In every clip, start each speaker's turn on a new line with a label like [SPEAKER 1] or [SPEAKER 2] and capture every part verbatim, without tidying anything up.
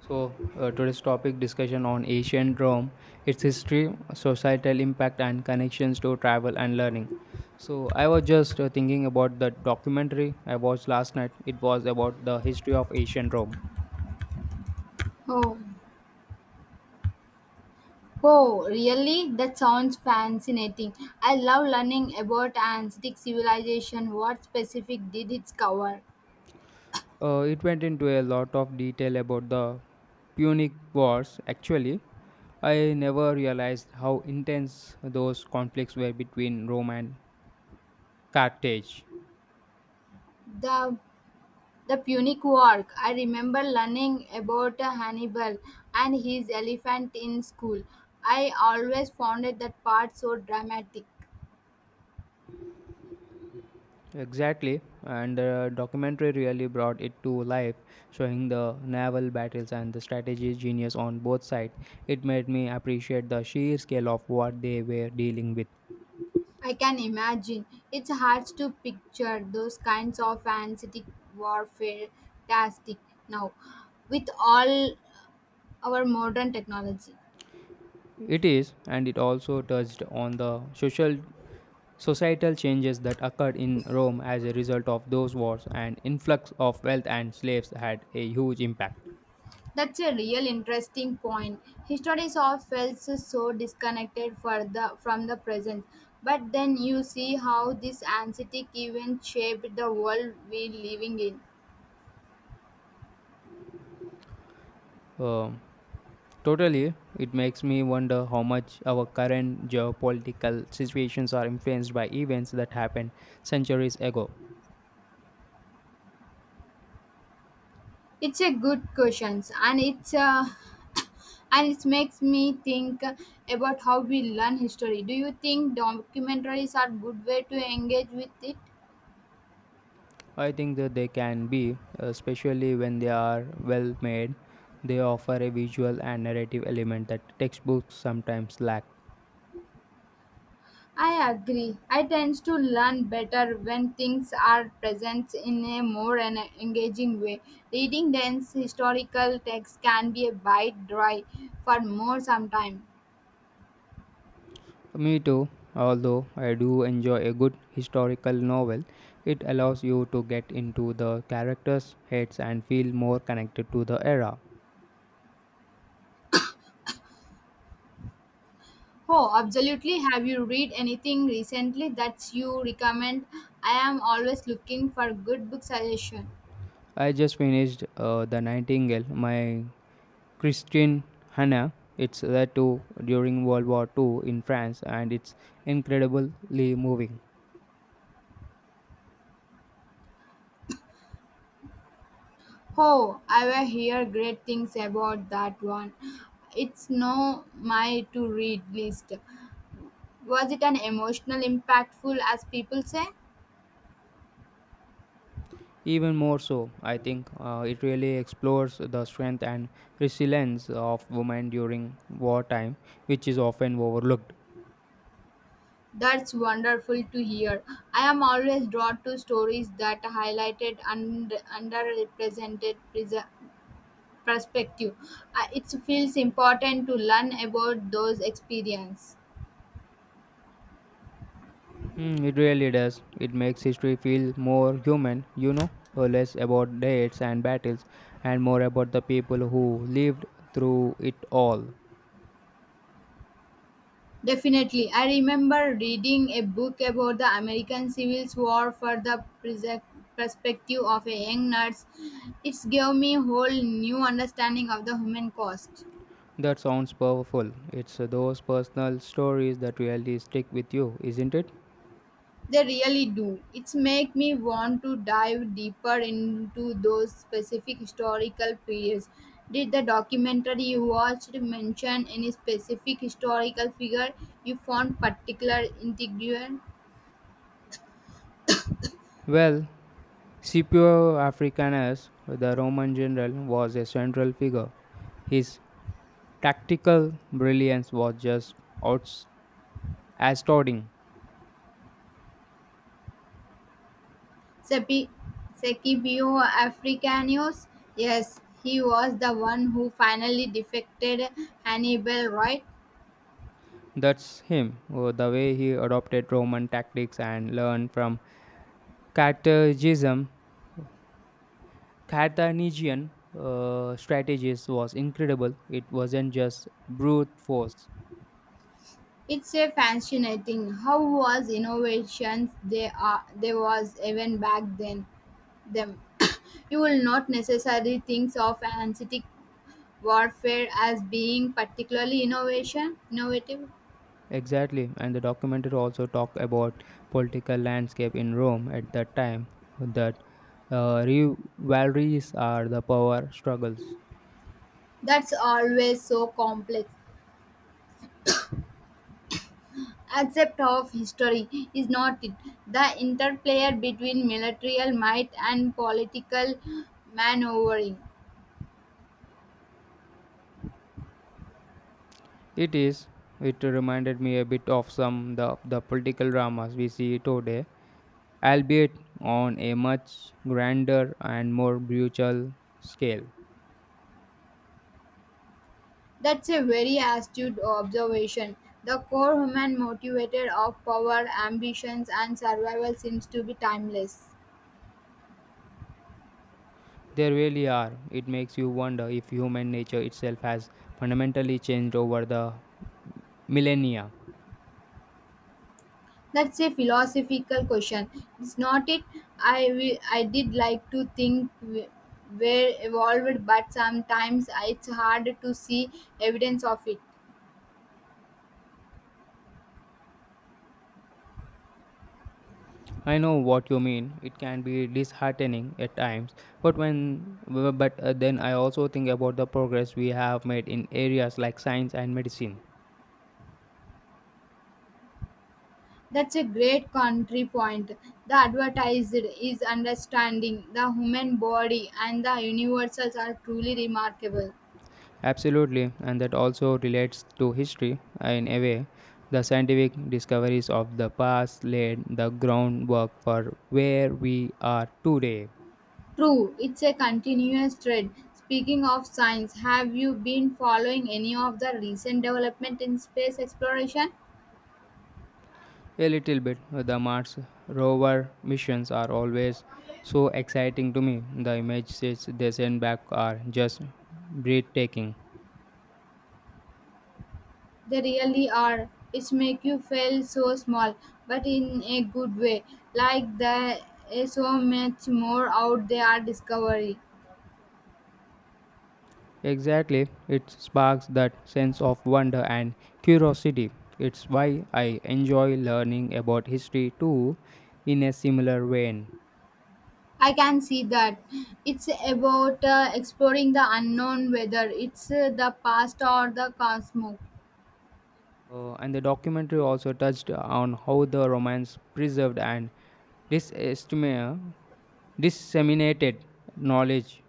[SPEAKER 1] So, uh, today's topic discussion on ancient Rome, its history, societal impact, and connections to travel and learning. So, I was just uh, thinking about the documentary I watched last night. It was about the history of ancient Rome.
[SPEAKER 2] Oh, oh, really? That sounds fascinating. I love learning about ancient civilization. What specific did it cover?
[SPEAKER 1] Uh, it went into a lot of detail about the Punic Wars. Actually, I never realized how intense those conflicts were between Rome and Carthage.
[SPEAKER 2] The the Punic War. I remember learning about Hannibal and his elephant in school. I always found it that part so dramatic.
[SPEAKER 1] Exactly, and the documentary really brought it to life, showing the naval battles and the strategy genius on both sides. It made me appreciate the sheer scale of what they were dealing with.
[SPEAKER 2] I can imagine. It's hard to picture those kinds of ancient warfare tastic now with all our modern technology.
[SPEAKER 1] It is, and it also touched on the social societal changes that occurred in Rome as a result of those wars, and influx of wealth and slaves had a huge impact.
[SPEAKER 2] That's a real interesting point. History is all felt so disconnected for the, from the present. But then you see how this anxiety event shaped the world we're living in.
[SPEAKER 1] Um, Totally, it makes me wonder how much our current geopolitical situations are influenced by events that happened centuries ago.
[SPEAKER 2] It's a good question, and it's uh, and it makes me think about how we learn history. Do you think documentaries are good way to engage with it?
[SPEAKER 1] I think that they can be, especially when they are well made, they offer a visual and narrative element that textbooks sometimes lack.
[SPEAKER 2] I agree. I tend to learn better when things are present in a more en- engaging way. Reading dense historical texts can be a bite dry for more sometime.
[SPEAKER 1] Me too, although I do enjoy a good historical novel, it allows you to get into the characters' heads and feel more connected to the era.
[SPEAKER 2] Oh, absolutely. Have you read anything recently that you recommend? I am always looking for good book suggestion.
[SPEAKER 1] I just finished uh, The Nightingale, my Christian Hannah. It's set to during World War two in France, and it's incredibly moving.
[SPEAKER 2] Oh, I will hear great things about that one. It's no my to read list. Was it an emotional impactful as people say?
[SPEAKER 1] Even more so, I think uh, it really explores the strength and resilience of women during wartime, which is often overlooked.
[SPEAKER 2] That's wonderful to hear. I am always drawn to stories that highlighted and underrepresented pres- perspective. Uh, It feels important to learn about those experiences.
[SPEAKER 1] Mm, it really does. It makes history feel more human, you know, or less about dates and battles, and more about the people who lived through it all.
[SPEAKER 2] Definitely. I remember reading a book about the American Civil War for the pres- perspective of a young nurse. It gave me a whole new understanding of the human cost.
[SPEAKER 1] That sounds powerful. It's uh, those personal stories that really stick with you, isn't it?
[SPEAKER 2] They really do. It's make me want to dive deeper into those specific historical periods. Did the documentary you watched mention any specific historical figure you found particular intriguing?
[SPEAKER 1] Well, Scipio Africanus, the Roman general, was a central figure. His tactical brilliance was just outs- astounding.
[SPEAKER 2] Sepi- Scipio Africanus? Yes, he was the one who finally defected Hannibal, right?
[SPEAKER 1] That's him, uh, the way he adopted Roman tactics and learned from Carthagism. Carthaginian uh, strategies was incredible. It wasn't just brute force.
[SPEAKER 2] It's a fascinating how was innovations they are there was even back then them. you will not necessarily think of anesthetic warfare as being particularly innovation innovative.
[SPEAKER 1] Exactly, and the documentary also talk about political landscape in Rome at that time that uh, rivalries are the power struggles.
[SPEAKER 2] That's always so complex. Except of history is not it. The interplay between military might and political maneuvering.
[SPEAKER 1] It is. It reminded me a bit of some the the political dramas we see today, albeit on a much grander and more brutal scale.
[SPEAKER 2] That's a very astute observation. The core human motivator of power, ambitions, and survival seems to be timeless.
[SPEAKER 1] They really are. It makes you wonder if human nature itself has fundamentally changed over the millennia.
[SPEAKER 2] That's a philosophical question. It's not it. I wi- I did like to think we- we're evolved, but sometimes it's hard to see evidence of it.
[SPEAKER 1] I know what you mean. It can be disheartening at times, but when but uh, then I also think about the progress we have made in areas like science and medicine.
[SPEAKER 2] That's a great country point. The advertised is understanding the human body and the universals are truly remarkable.
[SPEAKER 1] Absolutely, and that also relates to history uh, in a way. The scientific discoveries of the past laid the groundwork for where we are today.
[SPEAKER 2] True, it's a continuous trend. Speaking of science, have you been following any of the recent development in space exploration?
[SPEAKER 1] A little bit. The Mars rover missions are always so exciting to me. The images they send back are just breathtaking.
[SPEAKER 2] They really are. It's make you feel so small, but in a good way. Like there is so much more out there are discovery.
[SPEAKER 1] Exactly, it sparks that sense of wonder and curiosity. It's why I enjoy learning about history too, in a similar vein.
[SPEAKER 2] I can see that. It's about uh, exploring the unknown, whether it's uh, the past or the cosmos.
[SPEAKER 1] Uh, and the documentary also touched on how the Romans preserved and disestimate, disseminated knowledge.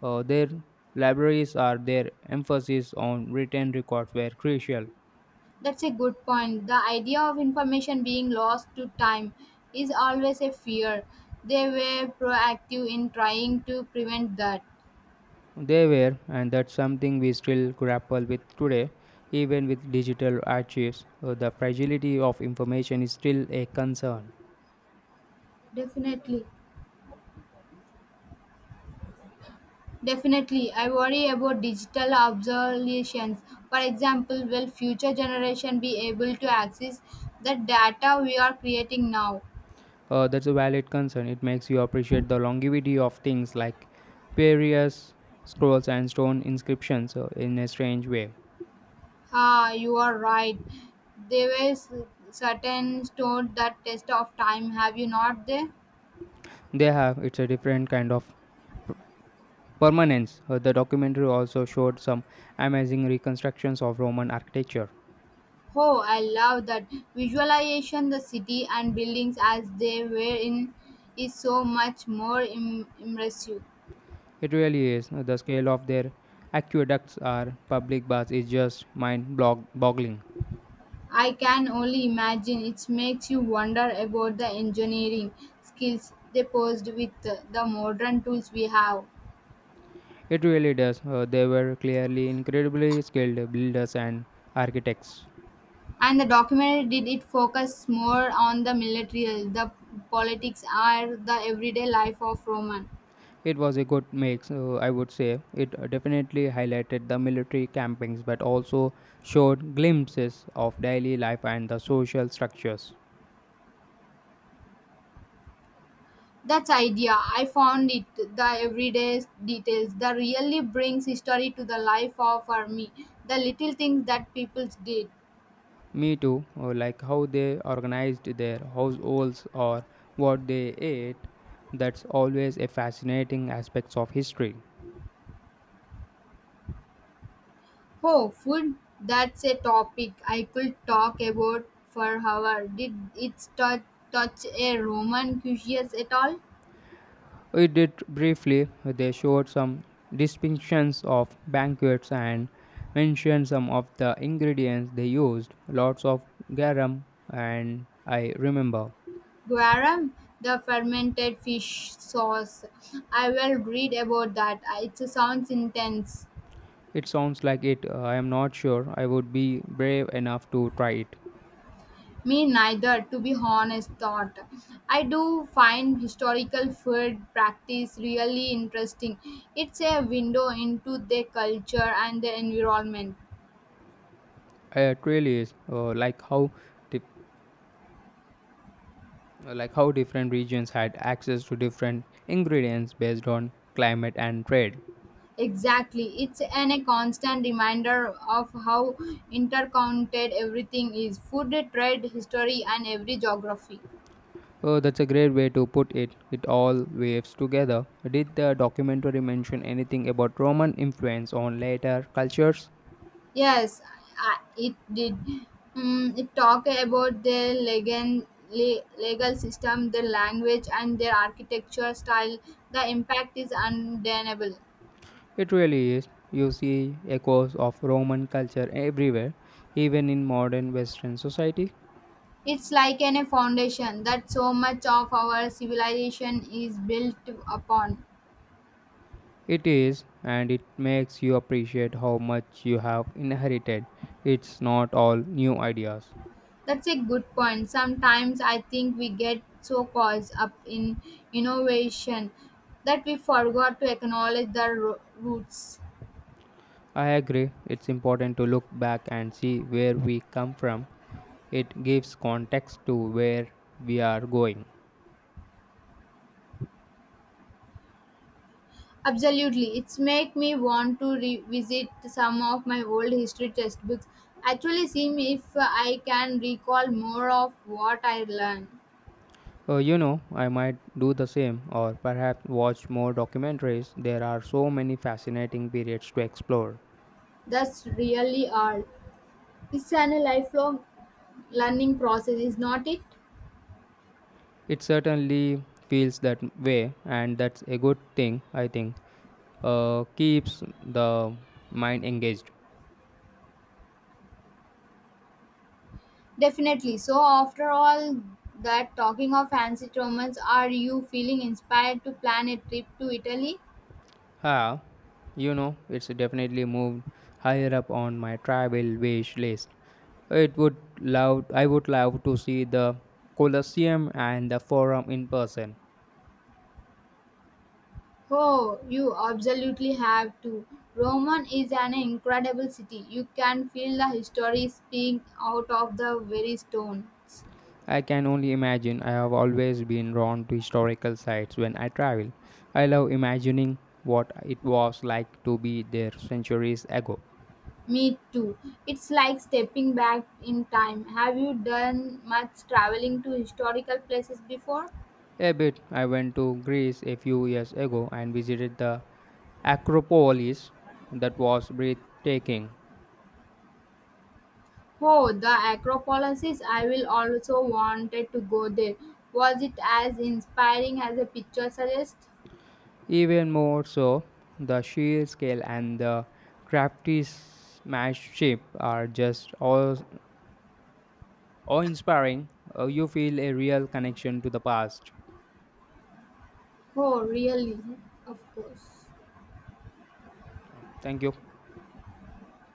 [SPEAKER 1] Uh, their libraries are their emphasis on written records were crucial.
[SPEAKER 2] That's a good point. The idea of information being lost to time is always a fear. They were proactive in trying to prevent that.
[SPEAKER 1] They were, and that's something we still grapple with today. Even with digital archives, uh, the fragility of information is still a concern.
[SPEAKER 2] Definitely. Definitely, I worry about digital obsolescence. For example, will future generation be able to access the data we are creating now?
[SPEAKER 1] Uh, that's a valid concern. It makes you appreciate the longevity of things like various scrolls and stone inscriptions uh, in a strange way.
[SPEAKER 2] Ah, you are right. There were s- certain stored that test of time. Have you not there?
[SPEAKER 1] They have, it's a different kind of p- permanence. Uh, the documentary also showed some amazing reconstructions of Roman architecture.
[SPEAKER 2] Oh, I love that visualization. The city and buildings as they were in is so much more Im- impressive.
[SPEAKER 1] It really is. The scale of their aqueducts or public baths is just mind blog- boggling.
[SPEAKER 2] I can only imagine. It makes you wonder about the engineering skills they posed with the the modern tools we have.
[SPEAKER 1] It really does. Uh, they were clearly incredibly skilled builders and architects.
[SPEAKER 2] And the documentary did it focus more on the military, the politics, or the everyday life of Roman.
[SPEAKER 1] It was a good mix, uh, I would say. It definitely highlighted the military campings but also showed glimpses of daily life and the social structures.
[SPEAKER 2] That's idea. I found it. The everyday details that really brings history to the life of our me. The little things that people did.
[SPEAKER 1] Me too, uh, like how they organized their households or what they ate that's always a fascinating aspect of history.
[SPEAKER 2] Oh, food. That's a topic I could talk about for hours. Did it touch, touch a Roman cuisine at all?
[SPEAKER 1] We did briefly, they showed some distinctions of banquets and mentioned some of the ingredients they used, lots of garum, and I remember.
[SPEAKER 2] Guaram, the fermented fish sauce. I will read about that. It sounds intense.
[SPEAKER 1] It sounds like it, uh, I am not sure I would be brave enough to try it.
[SPEAKER 2] Me neither, to be honest, thought. I do find historical food practice really interesting. It's a window into their culture and their environment.
[SPEAKER 1] Uh, It really is uh, like how dif- uh, like how different regions had access to different ingredients based on climate and trade.
[SPEAKER 2] Exactly. It's an a constant reminder of how interconnected everything is. Food, trade, history and every geography.
[SPEAKER 1] Oh, that's a great way to put it. It all waves together. Did the documentary mention anything about Roman influence on later cultures?
[SPEAKER 2] Yes, I, it did. Mm, it talked about their legal, le- legal system, their language, and their architecture style. The impact is undeniable.
[SPEAKER 1] It really is. You see echoes of Roman culture everywhere, even in modern Western society.
[SPEAKER 2] It's like an, a foundation that so much of our civilization is built upon.
[SPEAKER 1] It is, and it makes you appreciate how much you have inherited. It's not all new ideas.
[SPEAKER 2] That's a good point. Sometimes I think we get so caught up in innovation that we forgot to acknowledge the ro- roots.
[SPEAKER 1] I agree, it's important to look back and see where we come from. It gives context to where we are going.
[SPEAKER 2] Absolutely. It's make me want to revisit some of my old history textbooks. Actually see if I can recall more of what I learned.
[SPEAKER 1] Uh, you know, I might do the same or perhaps watch more documentaries. There are so many fascinating periods to explore.
[SPEAKER 2] That's really all. It's a lifelong learning process, is not it?
[SPEAKER 1] It certainly feels that way, and that's a good thing, I think. Uh, keeps the mind engaged.
[SPEAKER 2] Definitely. So after all that talking of fancy romance, are you feeling inspired to plan a trip to Italy?
[SPEAKER 1] Ah, you know, it's definitely moved higher up on my travel wish list. It would love, I would love to see the Colosseum and the Forum in person.
[SPEAKER 2] Oh, you absolutely have to. Roman is an incredible city. You can feel the history speaking out of the very stones.
[SPEAKER 1] I can only imagine. I have always been drawn to historical sites when I travel. I love imagining what it was like to be there centuries ago.
[SPEAKER 2] Me too. It's like stepping back in time. Have you done much traveling to historical places before?
[SPEAKER 1] A bit, I went to Greece a few years ago and visited the Acropolis that was breathtaking.
[SPEAKER 2] Oh, the Acropolis. I will also wanted to go there. Was it as inspiring as the picture suggests?
[SPEAKER 1] Even more so, the sheer scale and the craftsmanship are just awe inspiring. You feel a real connection to the past.
[SPEAKER 2] Oh, really? Of course.
[SPEAKER 1] Thank you.